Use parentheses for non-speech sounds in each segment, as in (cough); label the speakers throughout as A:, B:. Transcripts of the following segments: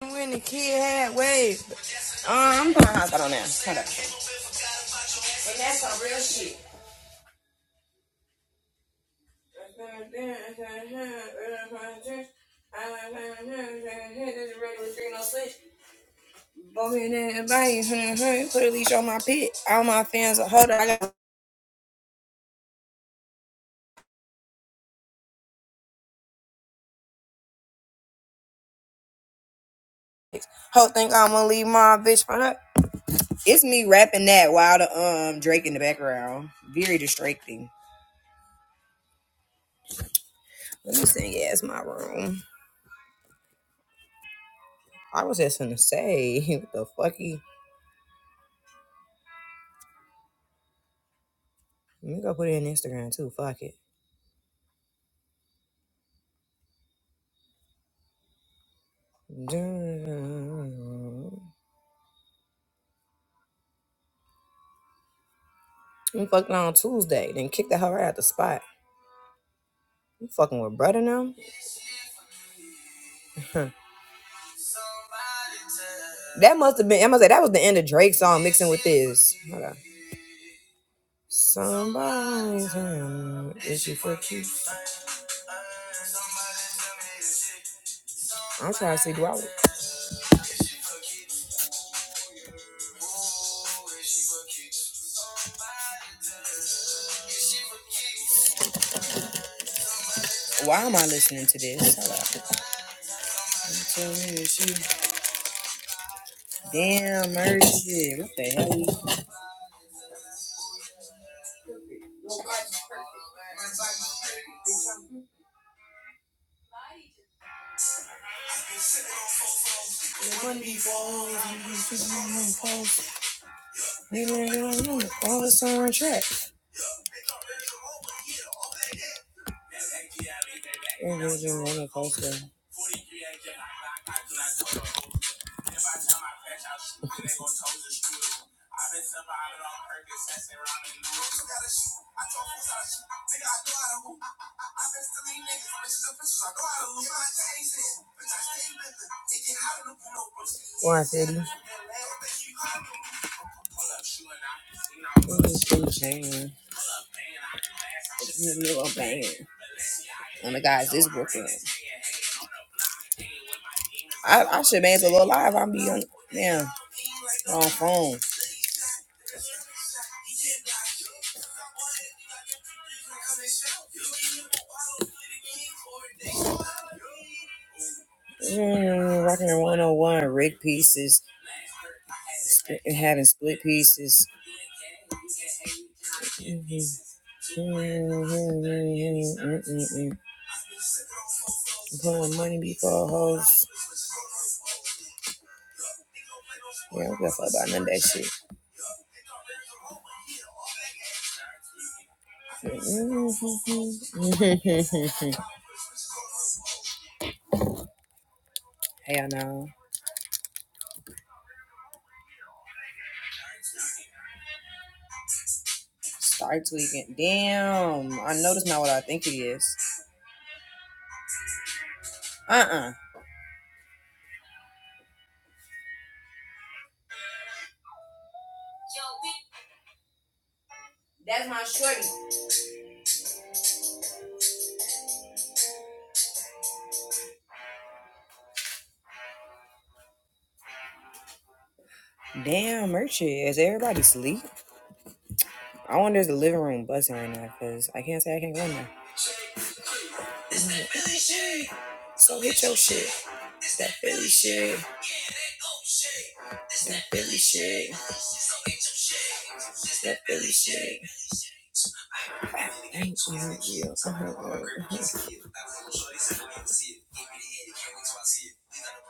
A: When the kid had wave. Um, I'm putting to house out on there. Hold up. Boy, and then everybody, hmm, hmm, Put a leash on my pit. All my fans are hold up. I got whole think I'm gonna leave my bitch for her. It's me rapping that while the um Drake in the background. Very distracting. Let me sing yeah, it's my room. I was just gonna say, (laughs) what the fucky? Let me go put it in Instagram too. Fuck it. You fucking on Tuesday, then kicked her right out the spot. You fucking with brother now? Huh. (laughs) That must have been. I must say that was the end of Drake's song mixing with this. Hold on. Somebody's hand is she for you? I'm trying to see do I. Why am I listening to this? Hold on. Tell me if she- Damn mercy! What the hell? is- What is this on the post? You wanna post on track. You wanna post. I've been stealing niggas, bitches and bitches. I know how to lose. I changed it. Bitch, I stay with it. It get hotter than Bruno Brooks. One city. Ooh, chain. Little bang. Oh my guys, this Brooklyn. I, I should bang to Lil Live. I'm be on damn wrong phone. Mm, rocking the 101, rig pieces, sp- having split pieces. Mhm. mmm, mmm, mmm, Pulling money before hoes. Yeah, we'll go about none of that shit. (laughs) hey, I know. (laughs) Start tweaking. Damn. I know that's not what I think it is. Uh-uh. That's my shorty. Damn, Merchie. Is everybody asleep? I wonder if the living room buzzing right now because I can't say I can't go in there. It's that Philly shit. So get your shit. It's that Philly shit. It's that Philly shit. It's that Philly shit. Thank you, Jesus.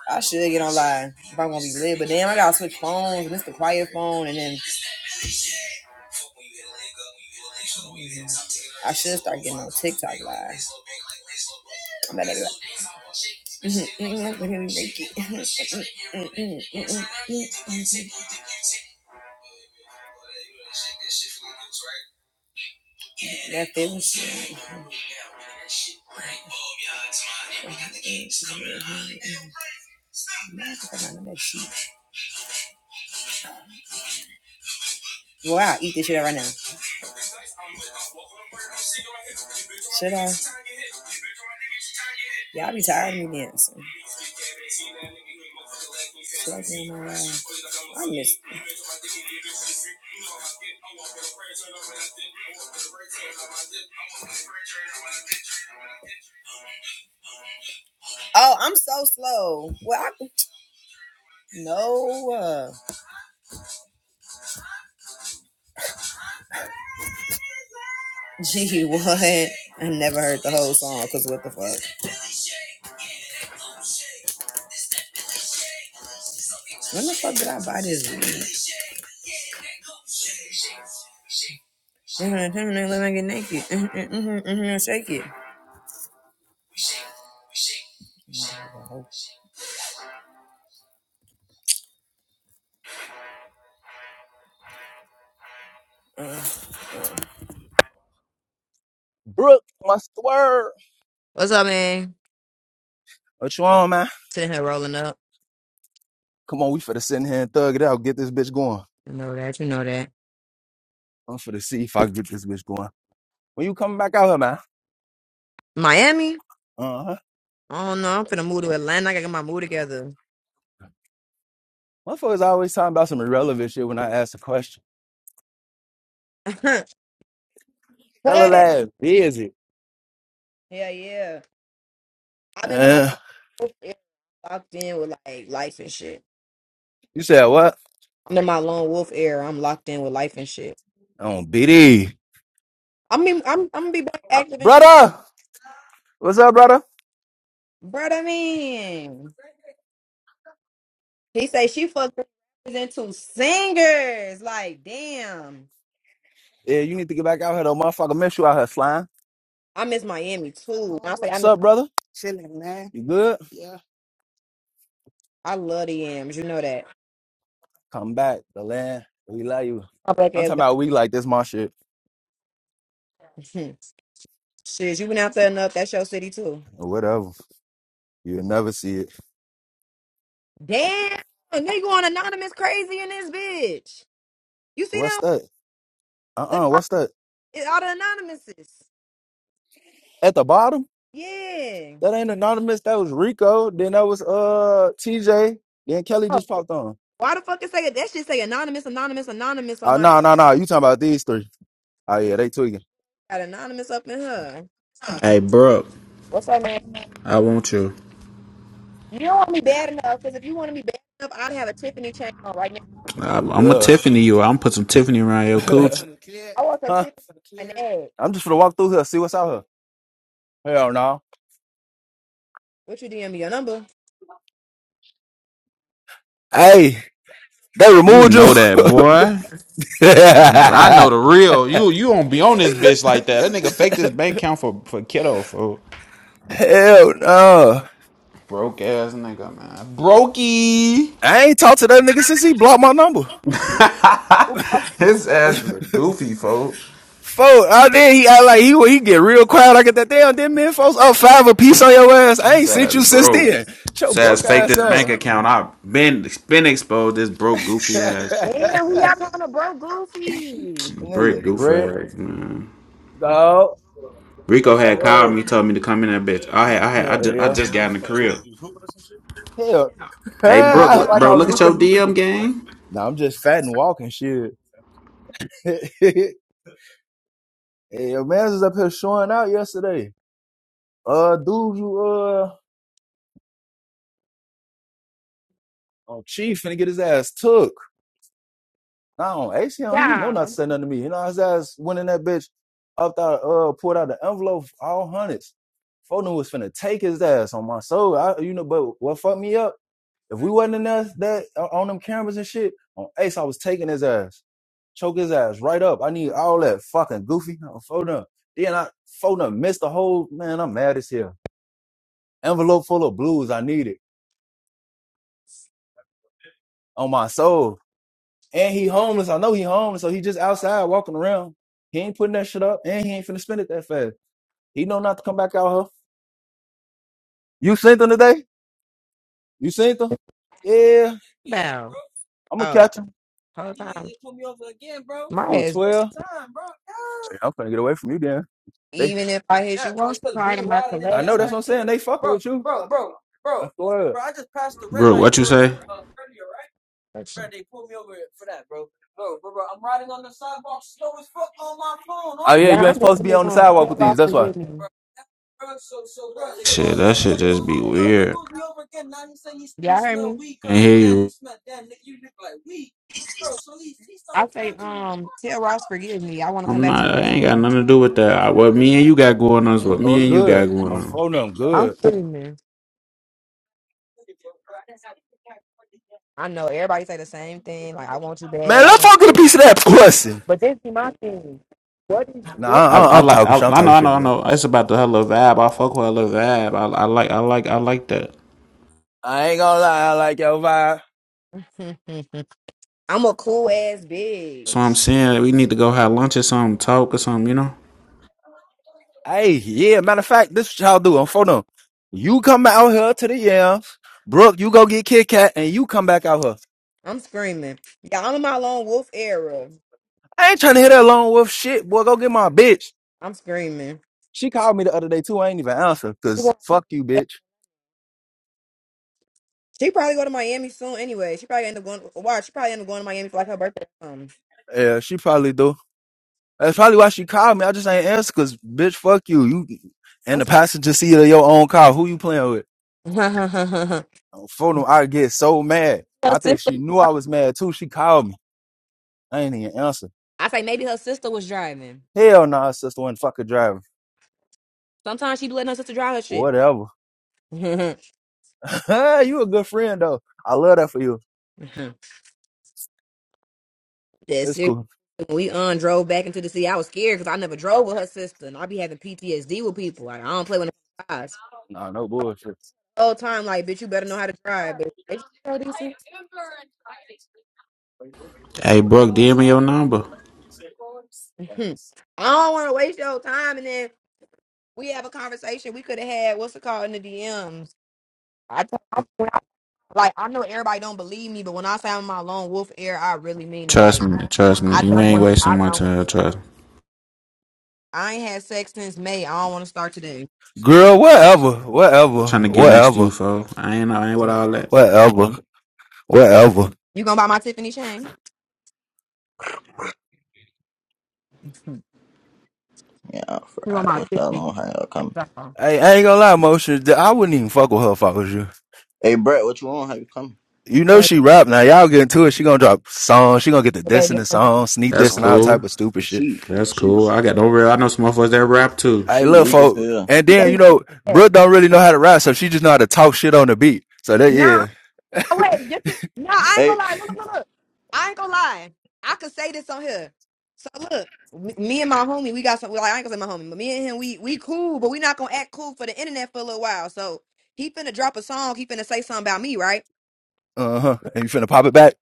A: I should get online if I want to be lit, but damn, I gotta switch phones, miss the quiet phone, and then I should start getting on TikTok live. I'm not gonna do that. That feels. Well, I'll eat this shit right now. Should I? Y'all be tired of me dancing. I miss. Oh, I'm so slow. Well, I, no. Uh, (laughs) gee, what? I never heard the whole song because what the fuck? When the fuck did I buy this? Let me get naked. Mm-hmm, mm-hmm, mm-hmm, Shake it. Uh,
B: Brooke, my swerve.
A: What's up, man?
B: What you on, man?
A: Sitting here rolling up.
B: Come on, we finna sit in here and thug it out. Get this bitch going.
A: You know that. You know that.
B: I'm finna see if I can get this bitch going. When you coming back out here, man?
A: Miami?
B: Uh huh.
A: I don't know. I'm finna move to Atlanta. I gotta get my mood together.
B: Motherfuckers always talking about some irrelevant shit when I ask a question.
A: (laughs) hey.
B: That little ass busy.
A: Yeah, yeah. I'm in my
B: Uh,
A: wolf era, locked in with like life and shit.
B: you said what?
A: I'm in my lone wolf era. I'm locked in with life and shit.
B: On BD.
A: I mean, I'm I'm gonna be back active and shit,
B: Brother! What's up, brother?
A: Bruh, I mean, he say she fucked rappers into singers. Like, damn,
B: Yeah, you need to get back out here though. Motherfucker miss you out here, slime.
A: I miss Miami too. When I say I
B: What's
A: miss,
B: up, brother? You good?
A: I love the Yams. You know that.
B: Come back, the land. We love you.
A: My black
B: I'm
A: ass.
B: talking
A: back.
B: about we like this my shit.
A: (laughs) Shit, you been out there enough. That's your city too.
B: or Whatever. You'll never see it.
A: Damn, they going anonymous crazy in this bitch. You see
B: What's
A: them?
B: that?
A: Look,
B: Uh-uh.
A: all
B: What's that?
A: all the anonymouses.
B: At the bottom?
A: Yeah.
B: That ain't anonymous. That was Rico. Then that was uh TJ. Then Kelly
A: Oh,
B: just popped on.
A: why the fuck it say that? Shit say anonymous, anonymous, anonymous on
B: Uh
A: my.
B: no, no, no. You talking about these three. Oh
A: Yeah,
B: yeah, they tweaking.
A: got anonymous up in her.
C: Hey, bro,
A: What's her name?
C: I want you.
A: You don't want me bad enough, because if you wanted me bad enough, I'd have a Tiffany chain on right now.
C: I, I'm a
B: Ugh.
C: Tiffany you. I'm put some Tiffany around your cooch.
B: (laughs)
A: I want some
B: huh?
A: Tiffany on my neck.
B: I'm just gonna walk through here, see what's out here. Hell no.
A: What you DM me your number?
B: Hey, they
C: You
B: removed you?
C: know that, boy. I
B: (laughs)
C: know the real. You you don't be on this bitch like that. That nigga faked his bank account for for kiddo for
B: Hell no.
C: broke ass nigga man. Brokey.
B: I ain't talked to that nigga since he blocked my number.
A: Ooh, you
C: His
B: (laughs)
C: ass is a goofy folk.
B: Four out there, he out like he he get real quiet. I get that damn them men folks up five a piece on your ass. I
C: His
B: ain't sent
C: ass
B: you since
C: broke.
B: then. Show
C: His ass
B: broke
C: faked
B: ass
C: his bank
B: on.
C: account. I've been been exposed. This broke
B: (laughs)
C: goofy ass
A: Damn, who
B: Nigga,
A: y'all calling a bro goofy?
C: brick goof
B: brick
C: ass man.
B: dog.
C: Rico
B: What's that
C: had called
B: word?
C: me, told me to come in that bitch.
B: Good.
C: I had I had I
B: Hell
C: just, I
B: yeah. was
C: just got in
B: was
C: the
B: playing hoop.
C: crib.
B: You was hooping or some shit. Hell, (laughs)
C: Hey, Brooke,
B: I was
C: look,
B: like
C: bro,
B: I was
C: look at your
B: hooping.
C: DM
B: What?
C: game.
B: Nah, I'm just fat and walking shit. (laughs) hey, your man was up here showing out yesterday. Uh, dude, you uh, oh, chief finna get his ass took. No, you on he know not
A: Yeah.
B: to say nothing to me. You know his ass went in that bitch up out uh pulled out the envelope all hundreds. Foden was finna take his ass on my soul. I, you know, but what fucked me up? If we wasn't in that that uh, on them cameras and shit, on Ace I was taking his ass, choke his ass right up. I need all that fucking goofy no, Foden. Then I Foden missed the whole man. I'm mad as hell. Envelope full of blues. I need it on my soul. And he homeless. I know he homeless, so he just outside walking around. He ain't putting that shit up, and he ain't finna spend it that fast. He know not to come back out here. You seen him today? You seen him? Yeah,
A: Well,
B: I'm gonna
A: oh,
B: catch him.
A: whole time. My
B: Ooh,
A: ass,
B: twelve. Yeah, I'm finna get away from you, then. They like
A: even if I hit
B: that,
A: you
B: bro.
A: once,
B: It's
A: you
B: cause
A: part
B: we
A: of my
B: riding. this. I know that's
A: collection.
B: what I'm saying. They fucking bro, with you, bro, bro, bro, That's wild. bro. I just passed the red
C: Bro,
B: light,
C: what you
B: bro.
C: say?
A: Collection.
B: Bro, bro, bro. I'm riding on the sidewalk, slow as fuck on my phone. Oh yeah,
A: Yeah,
B: you ain't
A: I'm just
B: supposed to be
A: gonna
B: on the
A: um,
B: sidewalk
A: tell
B: with these.
A: Ross
B: That's why.
A: forgive me.
C: Shit, that shit just be weird.
A: Y'all heard me?
C: Can't hear you.
A: I say, um, tell Ross forgive me. I want to come
C: I'm
A: back to the
C: not. I
A: living
C: ain't got
A: room.
C: nothing to do with that. I, what me and you got going on is what
B: Oh,
C: me and you got
B: good.
C: going
B: I'm
C: on.
B: phoning them.
A: I'm
B: Good.
A: screaming. I know everybody say the same thing. Like I want you
B: Man,
A: bad.
B: let's fuck get a piece of that pussy.
A: But this be my thing. What is
B: Nah, I,
A: what?
C: I,
B: I,
C: I
B: I'm
C: like.
B: talking
C: I,
B: shit. I'm
C: I
B: talking
C: know. I
B: shit,
C: know. I
B: blood.
C: know. It's about the hella vibe. I fuck with hella vibe. I, I like. I like. I like that.
B: I ain't gonna lie. I like your vibe.
A: (laughs) I'm a cool ass
C: So I'm
A: bitch.
C: saying we need to go have lunch or something, talk or something. You know.
B: Hey, yeah. Matter of fact, this is what y'all do. I'm for them. You come out here to the yams, Brooke. You go get Kit Kat, and you come back out here.
A: I'm screaming. Y'all in my lone wolf era.
B: I ain't trying to hear that lone wolf shit, boy. Go get my bitch.
A: I'm screaming.
B: She called me the other day too. I ain't even answer
A: You
B: because
A: want,
B: fuck you, bitch.
A: She probably go to Miami soon anyway. She probably end up going. Why? She probably end up going to Miami for like her birthday. or something.
B: Yeah, she probably do. That's probably why she called me. I just ain't answer because bitch, fuck you. You and
A: I'm
B: the
A: screaming.
B: passenger seat of your own car. Who you playing with?
A: (laughs)
B: i For them, I get so mad.
A: her
B: I think
A: sister.
B: she knew I was mad too. She called me. I ain't even answer.
A: I say maybe her sister was driving.
B: Hell nah, sister wouldn't fuck a driver.
A: Sometimes she be letting her sister drive her shit.
B: Whatever. (laughs) you a good friend though. I love that for you.
A: (laughs) That's
B: It's
A: it.
B: cool.
A: When we un drove back into the city, I was scared because I never drove with her sister, and I be having PTSD with people. Like I don't play with. no guys.
B: Nah, no bullshit.
A: whole time, like, bitch, you better know how to drive. But bitch, you know this is-
C: Hey, Brooke, DM me your number.
A: Mhm. (laughs) I don't want to waste your time. And then we have a conversation we could have had. What's it called in the DMs? I told I'm- when I- like I know everybody don't believe me, but when I say I'm my lone wolf air, I really mean it.
C: Trust
A: Like
C: me. Trust me.
A: I
C: You
A: don't
C: ain't
A: want.
C: wasting
A: I
C: my
A: don't want.
C: time. Trust me.
A: I ain't had sex since May. I don't want to start today.
B: Girl, whatever, whatever,
C: Trying to get next to you,
B: whatever,
C: fo. I ain't. I ain't with all that.
B: whatever, whatever.
A: You gonna buy my Tiffany chain? (laughs) Mhm.
D: Yeah, for
A: you want
D: right.
A: my
D: What y'all
A: Tiffany?
D: on?
A: chain,
D: How y'all coming?
A: that's all.
B: Hey, I ain't gonna lie, motion. th- I wouldn't even fuck with her if I was you.
D: Hey, Brett, what you on? How you coming?
B: You know
A: So,
B: she rap now. Y'all get into it. She gonna drop songs. She gonna get the diss in
A: Baby,
B: the
A: I'm
B: song, sneak
C: That's
B: diss and all
D: Oh,
C: cool.
B: type of stupid shit.
D: she,
C: That's
D: she,
C: cool. I got no real. I know some motherfuckers that rap too.
B: Hey,
D: she
B: look,
D: weak as
B: folk.
D: hell.
B: And then you know,
A: not-
B: Brooke don't really know how to rap, so she just know how to talk shit on the beat. So that
A: Nah,
B: yeah.
A: Oh, Wait, this is, no, I ain't
D: Hey,
A: gonna lie. Look, look, look. look. I ain't gonna lie. I could say this on here. So look, me me and my homie, we got some. Well, I ain't gonna say my homie, but me and him, we we cool, but we not gonna act cool for the internet for a little while. So he finna drop a song. He finna say something about me, right?
B: Uh huh. And you finna pop it back?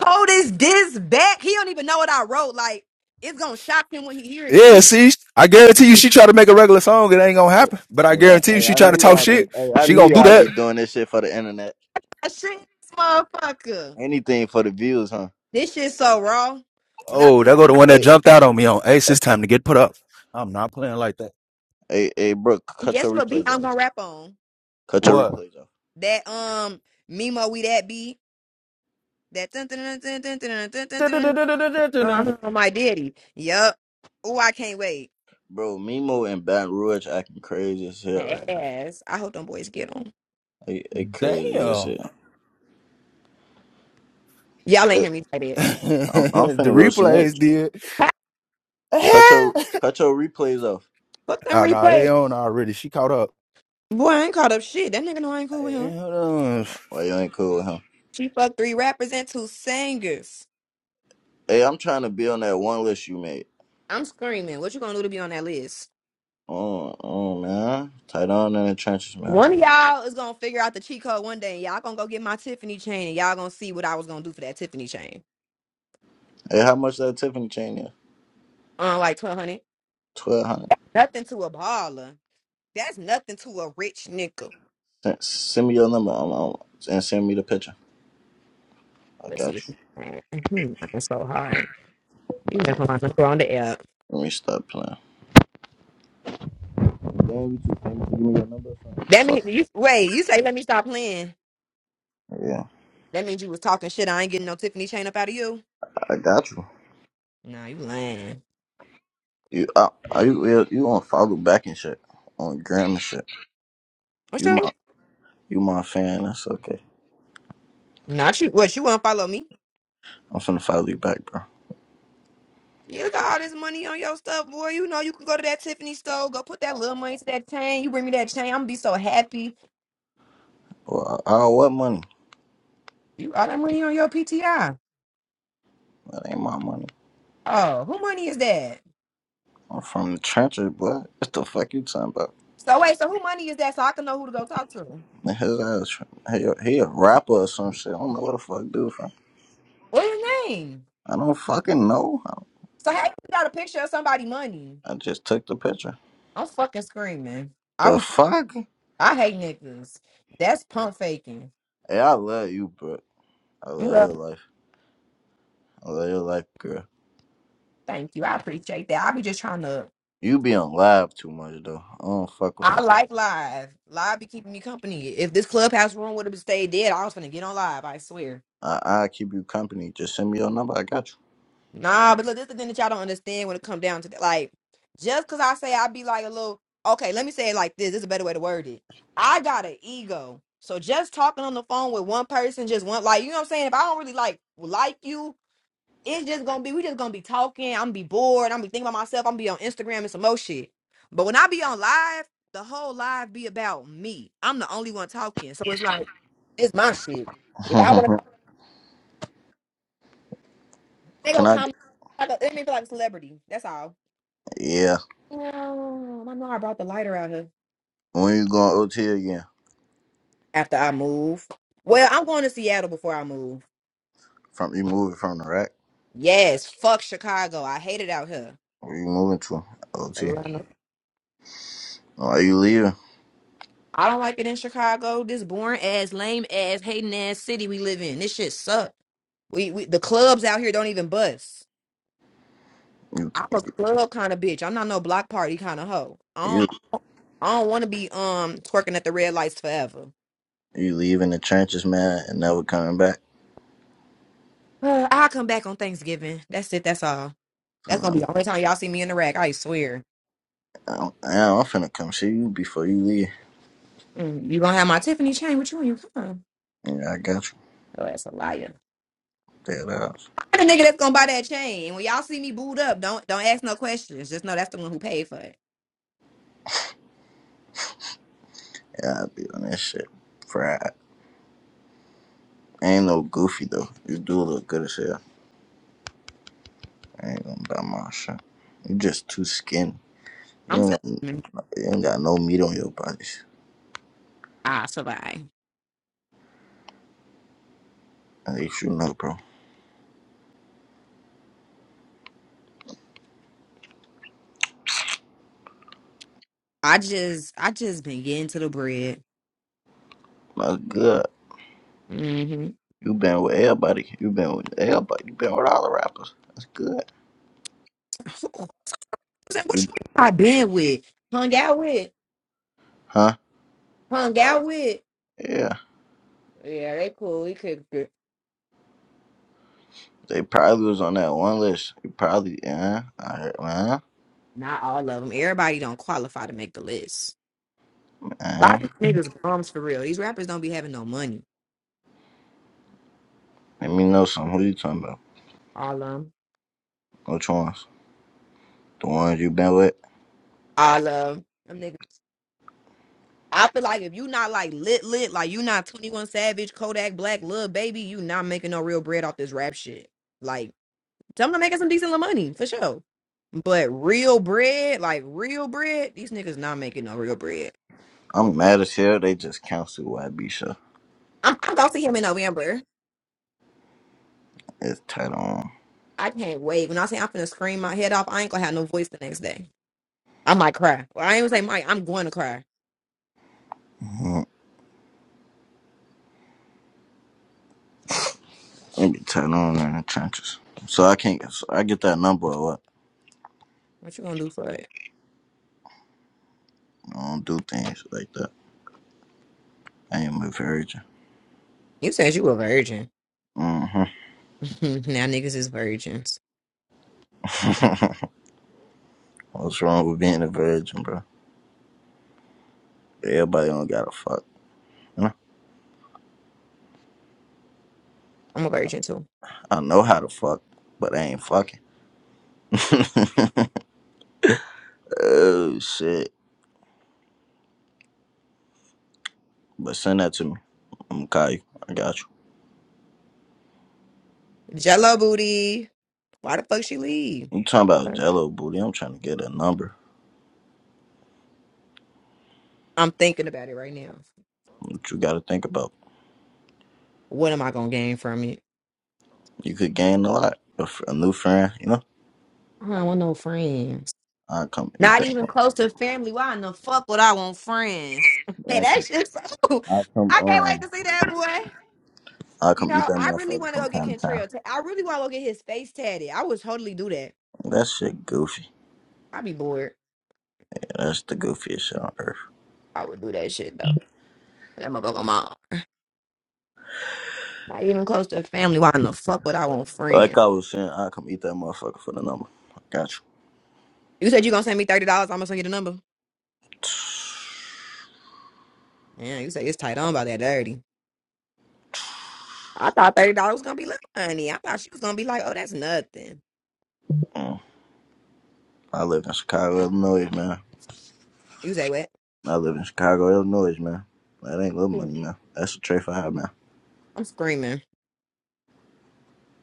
A: Told his diss back. He don't even know what I wrote. Like it's gonna shock him when he hear it, cause
B: Yeah.
A: he
B: See, I guarantee you, she try to make a regular song, it ain't gonna
D: hey,
B: happen. But I
D: hey, I,
B: guarantee you,
D: hey,
B: she
D: I
B: try to
D: knew
B: talk
D: y'all be,
B: shit,
D: hey, I
B: she
D: knew
B: gonna do
D: y'all be
B: that.
D: doing this shit for the internet.
A: I shit, this motherfucker.
D: Anything for the views, huh?
A: This shit so raw. When I,
B: Oh,
D: Yeah.
B: that go the
A: I
B: one
A: really-
B: that
D: Hey,
B: jumped out on me on Ace.
D: hey,
B: It's time to get put up. I'm not playing like that.
D: hey, hey, bro, cut your
A: guess what beat
D: replays
A: I'm
D: off.
A: gonna rap on
D: Cut your
B: What?
D: replays off,
A: that um Mimo we that beat. That dun dun dun dun dun dun dun dun dun. dun.
B: Da-da-da-da-da-da-da-da.
A: Uh-huh, my daddy. Yup. Oh, I can't wait.
D: bro. Mimo and Baton Rouge acting crazy as hell right now.
A: Yes. I hope them boys get on.
D: They, they crazy as
B: Damn.
D: hell.
A: Y'all ain't
D: Hey,
A: hear me say
B: (laughs)
A: that.
D: I'm, I'm
B: the
D: finna go
B: replays
D: snitch.
B: did.
A: Ha!
B: (laughs)
D: Cut your,
B: oh
D: cut your replays off.
A: Fuck them
B: no, they
A: replay.
B: on already. She caught up.
A: Boy, I ain't caught up shit. That nigga know I ain't cool with him.
D: Why you ain't cool, huh?
A: She fucked three rappers and two singers.
D: Hey, I'm trying to be on that one list you made.
A: I'm screaming. What you gonna do to be on that list?
D: Oh, oh man, tight on in the trenches, man.
A: One of y'all is gonna figure out the cheat code one day, and y'all gonna go get my Tiffany chain, and y'all gonna see what I was gonna do for that Tiffany chain.
D: Hey, how much that Tiffany chain is?
A: Uh, like twelve hundred.
D: Twelve hundred.
A: Nothing to a baller. That's nothing to a rich nigga.
D: Send send me your number. I'm, I'm, and send me the picture. I
A: Let's see
D: got
A: if
D: you.
A: you can. Hmm, I'm so hard. You just want to throw on the app.
D: Let me stop playing. Damn, you too famous to give me your number. or something?
A: That
D: Fuck.
A: means you wait. You say let me stop playing.
D: Yeah,
A: That means you was talking shit. I ain't getting no Tiffany chain up out of you.
D: I got you.
A: Nah, you lying.
D: You, I, I, you, you you gonna follow back and shit on gram and shit.
A: What's
D: You my,
A: up?
D: you my fan. That's okay.
A: Not you. What you want to follow me?
D: I'm finna follow you back, bro.
A: You got all this money on your stuff, boy. You know you can go to that Tiffany store, go put that little money to that chain. You bring me that chain, I'm gonna be so happy.
D: Well, I, I owe what money?
A: You all that money on your PTI.
D: That ain't my money.
A: Oh, who money is that?
D: I'm from the trenches, boy. What the fuck you talking about?
A: So wait, so who money is that? So I can know who to go talk to.
D: Man, His ass, from- he, a- he a rapper or some shit. I don't know what the fuck dude from.
A: What's his name?
D: I don't fucking know.
A: So how you got a picture of somebody money?
D: I just took the picture.
A: I'm fucking screaming. I I
D: The fuck?
A: hate niggas. That's pump faking.
D: Hey, I love you, bro. I love
A: Well,
D: your life. I love your life, girl.
A: Thank you. I appreciate that. I be just trying to.
D: You be on live too much though. I don't fuck with
A: I
D: that.
A: like live. Live be keeping me company. If this clubhouse room would have stayed dead, I was gonna get on live. I swear.
D: I I keep you company. Just send me your number. I got you.
A: Nah, but look, this is the thing that y'all don't understand when it come down to that. Like, just cause I say I be like a little. Okay, let me say it like this. This is a better way to word it. I got an ego. So just talking on the phone with one person, just one like you know what I'm saying. If I don't really like like you, it's just gonna be we just gonna be talking. I'm gonna be bored. I'm gonna be thinking about myself. I'm gonna be on Instagram and some more shit. But when I be on live, the whole live be about me. I'm the only one talking, so it's like it's my shit. If I want
D: (laughs)
A: to, they
D: Can
A: gonna
D: I?
A: come. Like a, it make me feel like a celebrity. That's all.
D: Yeah.
A: Um, I know I brought the lighter out here
D: When you going OT again?
A: after I move. Well, I'm going to Seattle before I move.
D: From you moving from the rack?
A: Yes, fuck Chicago. I hate it out here.
D: Where you moving to? OT. Why you leaving?
A: I don't like it in Chicago. This boring ass, lame ass, hating ass city we live in. This shit suck. We, we the clubs out here don't even bust.
D: You
A: I'm a club kind of bitch. I'm not no block party kind of hoe. I
D: you
A: don't I don't want to be um twerking at the red lights forever. (sighs)
D: you leaving the trenches, man, and never coming back.
A: Uh, I'll come back on Thanksgiving. That's it. That's all. That's
D: Huh.
A: gonna be the only time y'all see me in the rack. I swear.
D: I'm, I'm finna come see you before you leave.
A: Mm, you gonna have my Tiffany chain with you when you come.
D: Yeah, I got you.
A: Oh, that's a liar.
D: Dead ass.
A: I'm the nigga that's gonna buy that chain. When y'all see me booed up, don't don't ask no questions. Just know that's the one who paid for it.
D: Yeah, I be on that shit. Fried. Ain't no goofy though. You do look good as hell. I ain't gonna buy my shit. You just too skinny. You
A: I'm
D: don't got,
A: screaming.
D: you ain't got no meat on your body.
A: I survive.
D: At least you know, bro.
A: I just I just been getting to the bread.
D: That's good.
A: hmm (laughs)
D: You been with everybody. You been with everybody. You been with all the rappers. That's good.
A: What
D: You-
A: you mean I been with? Hung out with.
D: Huh?
A: Hung out with.
D: Yeah.
A: Yeah, they cool. We could good.
D: They probably was on that one list. You probably, uh, I heard, uh,
A: not all of them. Everybody don't qualify to make the list. A
D: uh.
A: lot of these niggas bums for real. These rappers don't be having no money.
D: Let me know some. Who you talking about?
A: All of them.
D: Which ones? The ones you been with?
A: All of them niggas. I feel like if you not like lit lit, like you not 21 Savage, Kodak Black, Lil Baby, you not making no real bread off this rap shit. Like Tell them to make us some decent little money for sure. But real bread, like real bread, these niggas not making no real bread.
D: I'm mad as hell. They just canceled YB
A: I'm, I'm gonna see him in November.
D: It's tight on.
A: I can't wait. When I say I'm finna scream my head off, I ain't gonna have no voice the next day. I might cry. Well, I ain't gonna say, Mike, I'm going to cry.
D: Mhm. It be tight on in the trenches. So I can't. So I get that number or what?
A: What you gonna do for it?
D: I don't do things like that. I am a virgin.
A: You said you a virgin.
D: hmm
A: (laughs) now niggas is virgins.
D: (laughs) What's wrong with being a virgin, bro? Everybody don't gotta fuck. You know?
A: I'm a virgin too.
D: I know how to fuck, but I ain't fucking. (laughs) oh shit! But send that to me. I'm gonna call you. I got you.
A: Jello booty. Why the fuck she leave?
D: You talking about Jello booty? I'm trying to get a number.
A: I'm thinking about it right now.
D: What you gotta think about?
A: What am I gonna gain from it?
D: You could gain a lot. A, fr- a new friend, you know.
A: I don't want no friends.
D: I come eat
A: Not
D: that.
A: even
D: mo-
A: close to family. Why in the fuck would I want friends? (laughs) Hey,
D: I
A: that
D: come.
A: shit so.
D: I
A: (laughs)
D: come.
A: I can't wait
D: Um.
A: to see that boy.
D: I
A: You
D: come eat
A: know,
D: that
A: I really
D: motherfucker
A: want to
D: from
A: go get
D: time to time.
A: Kentrell. ta- I really want to go get his face tatted. I would totally do that.
D: That shit goofy.
A: I'd be bored.
D: Yeah, that's the goofiest shit on earth.
A: I would do that shit though. That motherfucker mom. Not even close to family. Why in the fuck would I want friends?
D: Like I was saying, I come eat that motherfucker for the number. I got you.
A: You said you gonna send me thirty dollars. I'm gonna send you the number. Yeah, you say it's tight on about that thirty. I thought thirty dollars was gonna be little money. I thought she was gonna be like, oh, that's nothing.
D: Mm. I live in Chicago, Illinois, man.
A: You say what?
D: I live in Chicago, Illinois, man. That ain't little
A: Hmm.
D: money, man. That's a trade for high, man.
A: I'm screaming.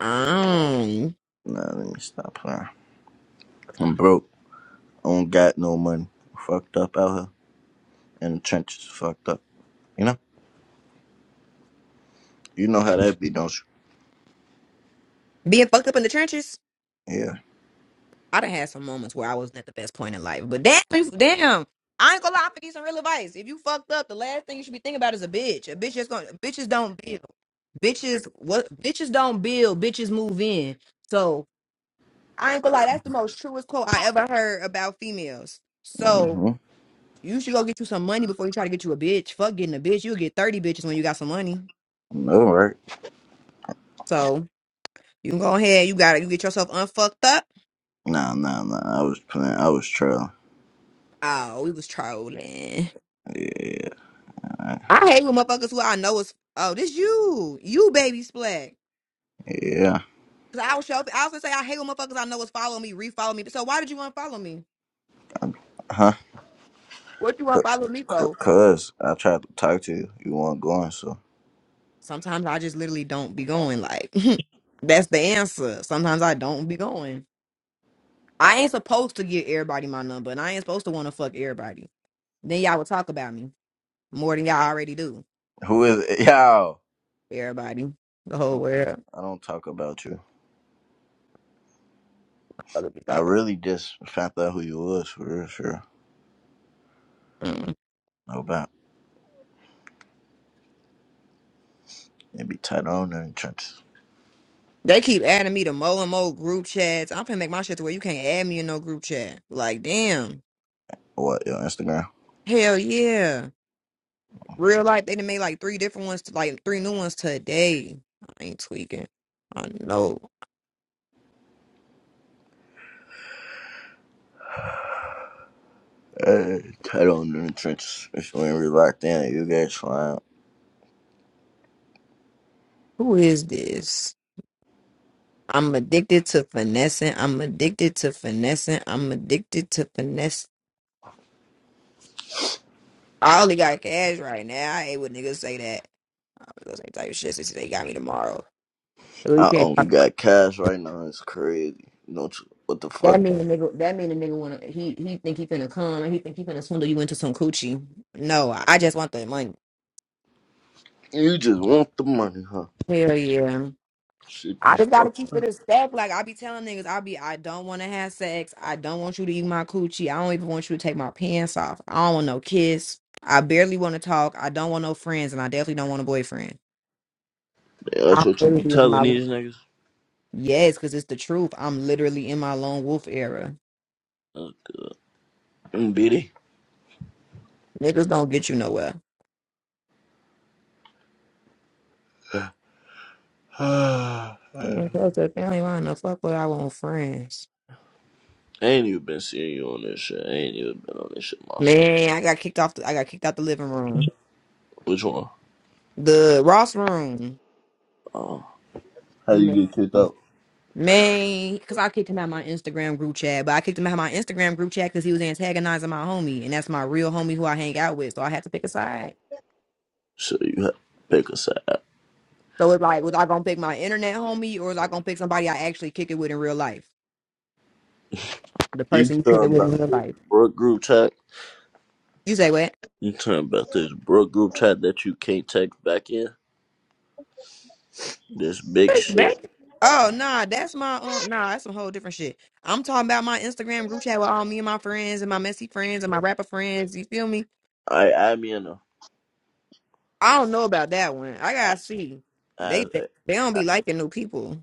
A: Um.
D: Nah, let me stop playing. I'm broke. I don't got no money. Fucked up out here in the trenches. Fucked up. You know. You know how that be, don't you?
A: being fucked up in the trenches,
D: Yeah.
A: I done had some moments where I wasn't at the best point in life. But damn, damn, I ain't gonna lie, I'm gonna give some real advice. If you fucked up, the last thing you should be thinking about is a bitch. A bitch just gonna bitches don't build. Bitches what bitches don't build, bitches move in. So I ain't gonna lie, that's the most truest quote I ever heard about females. So
D: Mm-hmm.
A: you should go get you some money before you try to get you a bitch. Fuck getting a bitch. You'll get 30 bitches when you got some money.
D: No, right?
A: So you can go ahead, you got to you get yourself unfucked up.
D: Nah, nah, nah. I was playing. I was trailing.
A: Oh, we was trolling.
D: Yeah,
A: I hate when motherfuckers who I know is oh this you you baby splat.
D: yeah.
A: Cause I was show I also say I hate when motherfuckers I know is follow me refollow me. So why did you unfollow me?
D: Huh?
A: What you
D: C-
A: want to follow me
D: c-
A: for?
D: Cause I tried to talk to you. You weren't going. So
A: Sometimes I just literally don't be going. Like (laughs) that's the answer. Sometimes I don't be going. I ain't supposed to give everybody my number, and I ain't supposed to want to fuck everybody. Then y'all would talk about me more than y'all already do.
D: who is it? (laughs) Yo,
A: Everybody, the
D: I
A: whole
D: don't,
A: world.
D: I don't talk about you.
A: Other
D: I
A: people.
D: really just found out who you was for real. Sure. No about it be tight on there in the trenches.
A: They keep adding me to more and more group chats. I'm finna make my shit to where you can't add me in no group chat. Like, damn.
D: What your Instagram?
A: Hell yeah. Real life, they done made like three different ones, to, like three new ones today. I ain't tweaking. I know.
D: Hey, tight on there in the trenches. If you ain't really locked in, you guys fine.
A: Who is this? I'm addicted to finessing. I'm addicted to finessing. I'm addicted to finesse. I only got cash right now. I hate when niggas say that. I'm gonna say type of shit since they got me tomorrow.
D: I only got cash right now. It's crazy. Don't you? What the fuck?
A: That mean the nigga. That mean the nigga wanna. He he think he finna come and he think he finna swindle you into some coochie. No, I just want the money.
D: You just want the money, huh?
A: Hell yeah.
D: Shit, you
A: I just gotta
D: fuck.
A: keep it a stack. Like I be telling niggas, I be I don't want to have sex. I don't want you to eat my coochie. I don't even want you to take my pants off. I don't want no kiss. I barely want to talk. I don't want no friends, and I definitely don't want a boyfriend.
D: Yeah, that's
A: I
D: what you be
A: really use
D: telling
A: my
D: these niggas.
A: Yes, because it's the truth. I'm literally in my lone wolf era.
D: Uh, mm, bitty.
A: Niggas don't get you nowhere.
D: (sighs) I
A: Man, that's the family. Why in the fuck would I want friends?
D: ain't even been seeing you on this shit. I ain't even been on this shit myself.
A: Man, I got kicked off. The, I got kicked out the living room,
D: Which one?
A: the Ross room.
D: Oh. How
A: He
D: you
A: made
D: get kicked
A: me.
D: out?
A: Man, because I kicked him out of my Instagram group chat, but I kicked him out of my Instagram group chat because he was antagonizing my homie, and that's my real homie who I hang out with. So I had to pick a side.
D: So you have to pick a side.
A: So it's like, was I gonna pick my internet homie, or was I gonna pick somebody I actually kick it with in real life? The
D: You
A: person you kick it
D: talking
A: with
D: about
A: in real
D: this
A: life.
D: Brook group chat?
A: You say what?
D: You talking about this Brook group chat that you can't text back in? This big
A: Back. back-
D: shit.
A: Oh nah, that's my uh, nah, that's some whole different shit. I'm talking about my Instagram group chat with all me and my friends and my messy friends and my rapper friends. You feel me?
D: I add me in there.
A: I don't know about that one. I gotta see.
D: Uh,
A: They they, they don't
D: uh,
A: be liking new people,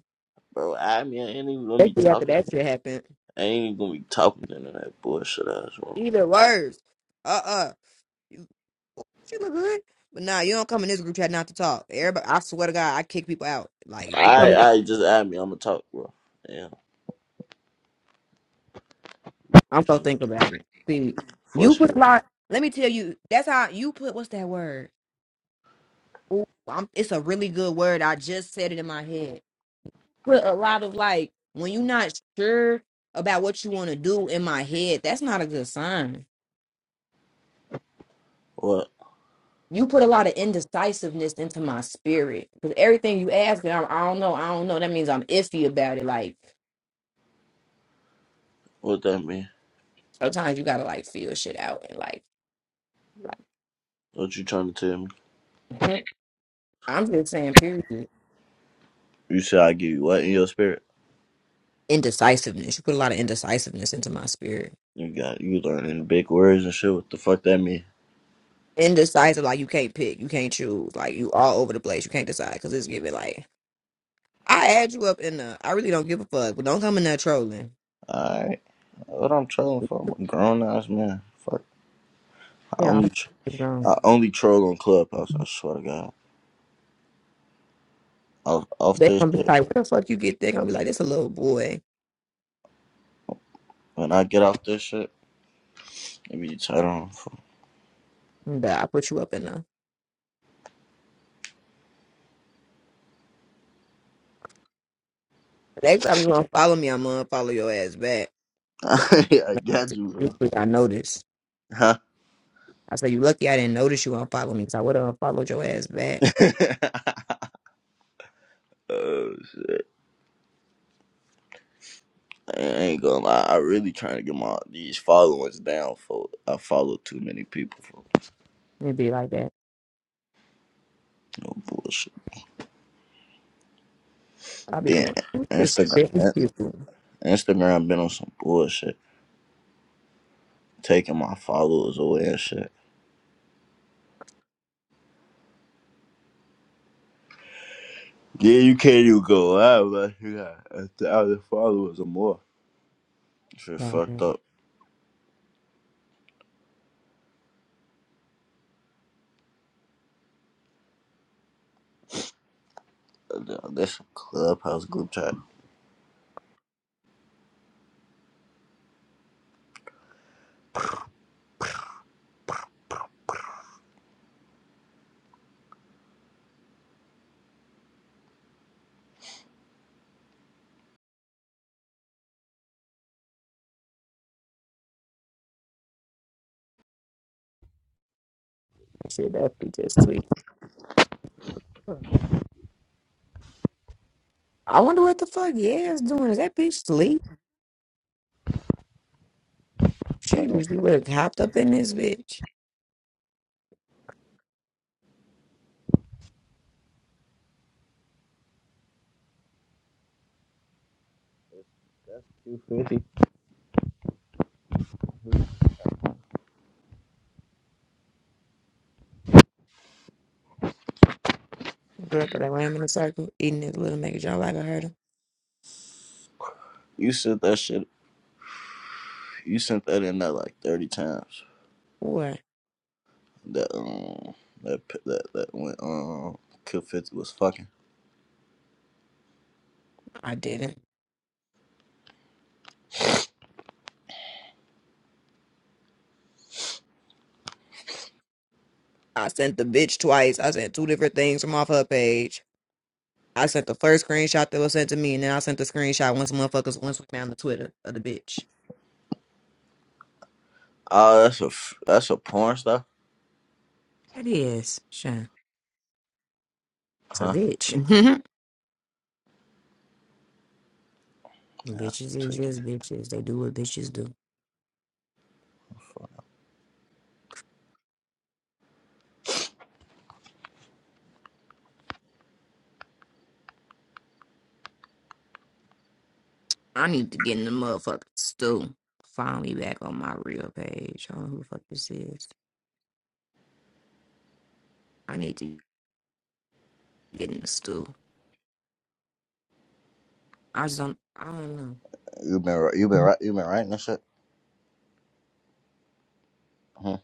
D: bro, I mean, I ain't even gonna be
A: especially after
D: talking.
A: that shit happened.
D: I ain't even gonna be talking to none of that bullshit ass bro.
A: Either words. Uh uh You, you look good, but nah, you don't come in this group chat not to talk. Everybody, I swear to God, I kick people out. Like if you come
D: I,
A: in,
D: I just add me. I'm gonna talk, bro. Yeah,
A: I'm so think about it. See, you
D: force
A: put
D: me.
A: a lot. Let me tell you, that's how you put. What's that word? Ooh, I'm, it's a really good word. I just said it in my head. Put a lot of like when you're not sure about what you want to do in my head. That's not a good sign
D: What?
A: you put a lot of indecisiveness into my spirit because everything you ask me, I'm, I don't know, I don't know. That means I'm iffy about it. Like
D: What that mean?
A: sometimes you gotta like feel shit out and like, like
D: What you trying to tell me?
A: mhm. I'm just saying, period.
D: You said I give you what in your spirit?
A: Indecisiveness. You put a lot of indecisiveness into my spirit.
D: You got you learning big words and shit. What the fuck that mean?
A: Indecisive, like you can't pick, you can't choose, like you all over the place. You can't decide because it's giving like I add you up in the. I really don't give a fuck, but don't come in there trolling.
D: Alright, what I'm trolling for? I'm a grown ass man. Fuck. I
A: Yeah,
D: only tr-
A: i
D: I only troll on Clubhouse. I swear to God. Off off
A: They
D: this
A: gonna be
D: shit.
A: like, where the fuck you get there? Gonna be like, it's a little boy.
D: When I get off this shit, it be tight on.
A: But I put you up in the. Next time you wanna follow me, I'm gonna follow your ass back.
D: (laughs)
A: Look,
D: I got you,
A: you
D: bro.
A: think I noticed.
D: Huh?
A: I said you lucky I didn't notice you unfollow me, so I would have unfollowed your ass back.
D: (laughs) Uh, I ain't gonna lie. I really trying to get my these followers down. For I follow too many people. For
A: It'd be like that.
D: no bullshit.
A: I'll be
D: Damn,
A: going, who's this
D: Instagram.
A: fitness people?
D: Instagram been on some bullshit, taking my followers away and shit. Yeah, you can't even go live unless you got a thousand followers or more. Shit fucked
A: Goddamn,
D: up. That's a clubhouse group chat.
A: That shit, that bitch just tweet. I wonder what the fuck Yaz doing. Is that bitch sleep?
D: Damn,
A: Shoot, you would have hopped up in this bitch.
D: 250.
A: Girl, that I ran in a circle, eating this little nigga Y'all like I heard him.
D: You sent that shit. You sent that in there like thirty times.
A: What?
D: that um that that that went um Kill Fifty was fucking.
A: I didn't. I sent the bitch twice. I sent two different things from off her page. I sent the first screenshot that was sent to me, and then I sent the screenshot once the motherfuckers once we found the Twitter of the bitch.
D: Oh, that's a that's a porn stuff,
A: That is. Sure. It's a
D: huh?
A: bitch. Mhm.
D: Yeah,
A: Bitches is
D: tweaking.
A: just bitches. They do what bitches do. I need to get in the motherfucking stew. Find me back on my real page. I don't know who the fuck this is. I need to get in the stew. I just don't. I don't know.
D: You been you been right you been writing that shit, huh?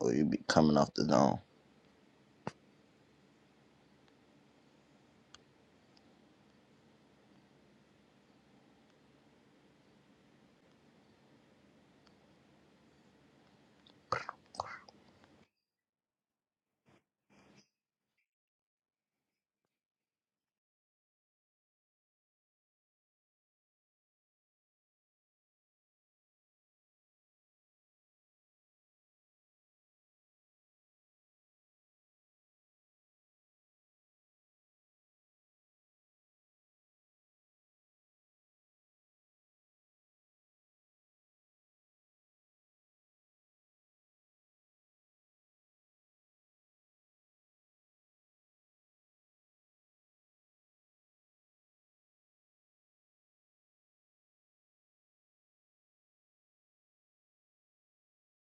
D: Or you be coming off the dome?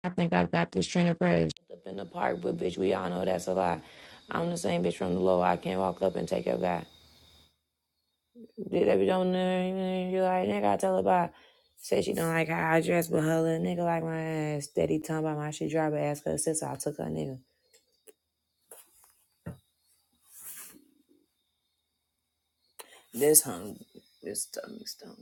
A: I think i got this train of prayers. Up in the park, but bitch, we all know that's a lie. I'm the same bitch from the low. I can't walk up and take your guy. Dude, that be don't You like, nigga, I tell her about. Said she don't like how I dress, but her little nigga like my ass. Steady talking about my shit driver. Ask her sister, I took her nigga. This hung, this stomach stomach.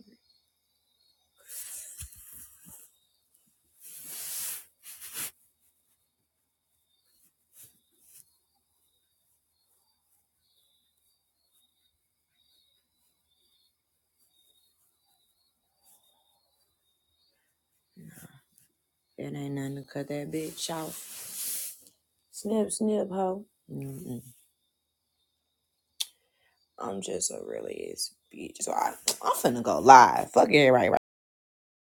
A: And I cut that bitch off. Snip, snip, hoe. Mm-mm. I'm just a really is bitch. So I, I'm finna go live. Fuck everybody